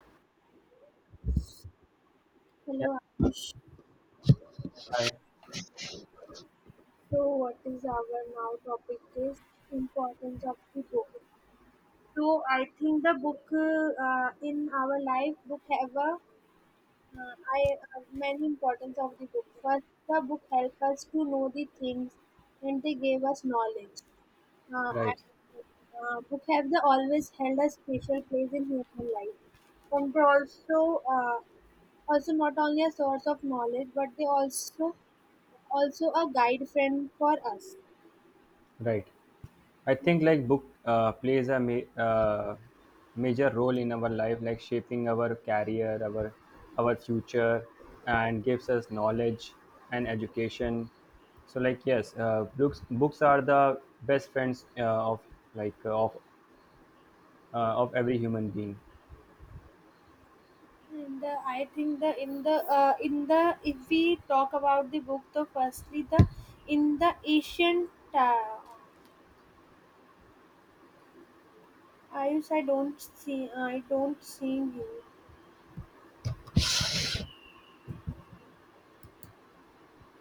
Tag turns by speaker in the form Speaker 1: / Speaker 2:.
Speaker 1: Yeah,
Speaker 2: Hello, Ash.
Speaker 1: I,
Speaker 2: So, what is our now topic is importance of the book. So, I think the book in our life, book have a I many importance of the book. First, the book help us to know the things, and they gave us knowledge. Uh, I,
Speaker 1: right,
Speaker 2: book have the always held a special place in human life, and they also also not only a source of knowledge, but they also also a guide friend for us.
Speaker 1: right. I think like book plays a major role in our life, like shaping our career, our future, and gives us knowledge and education. So like yes, books are the best friends of like of every human being.
Speaker 2: And I think the in the in the if we talk about the book, the firstly the in the ancient I don't see I don't see you.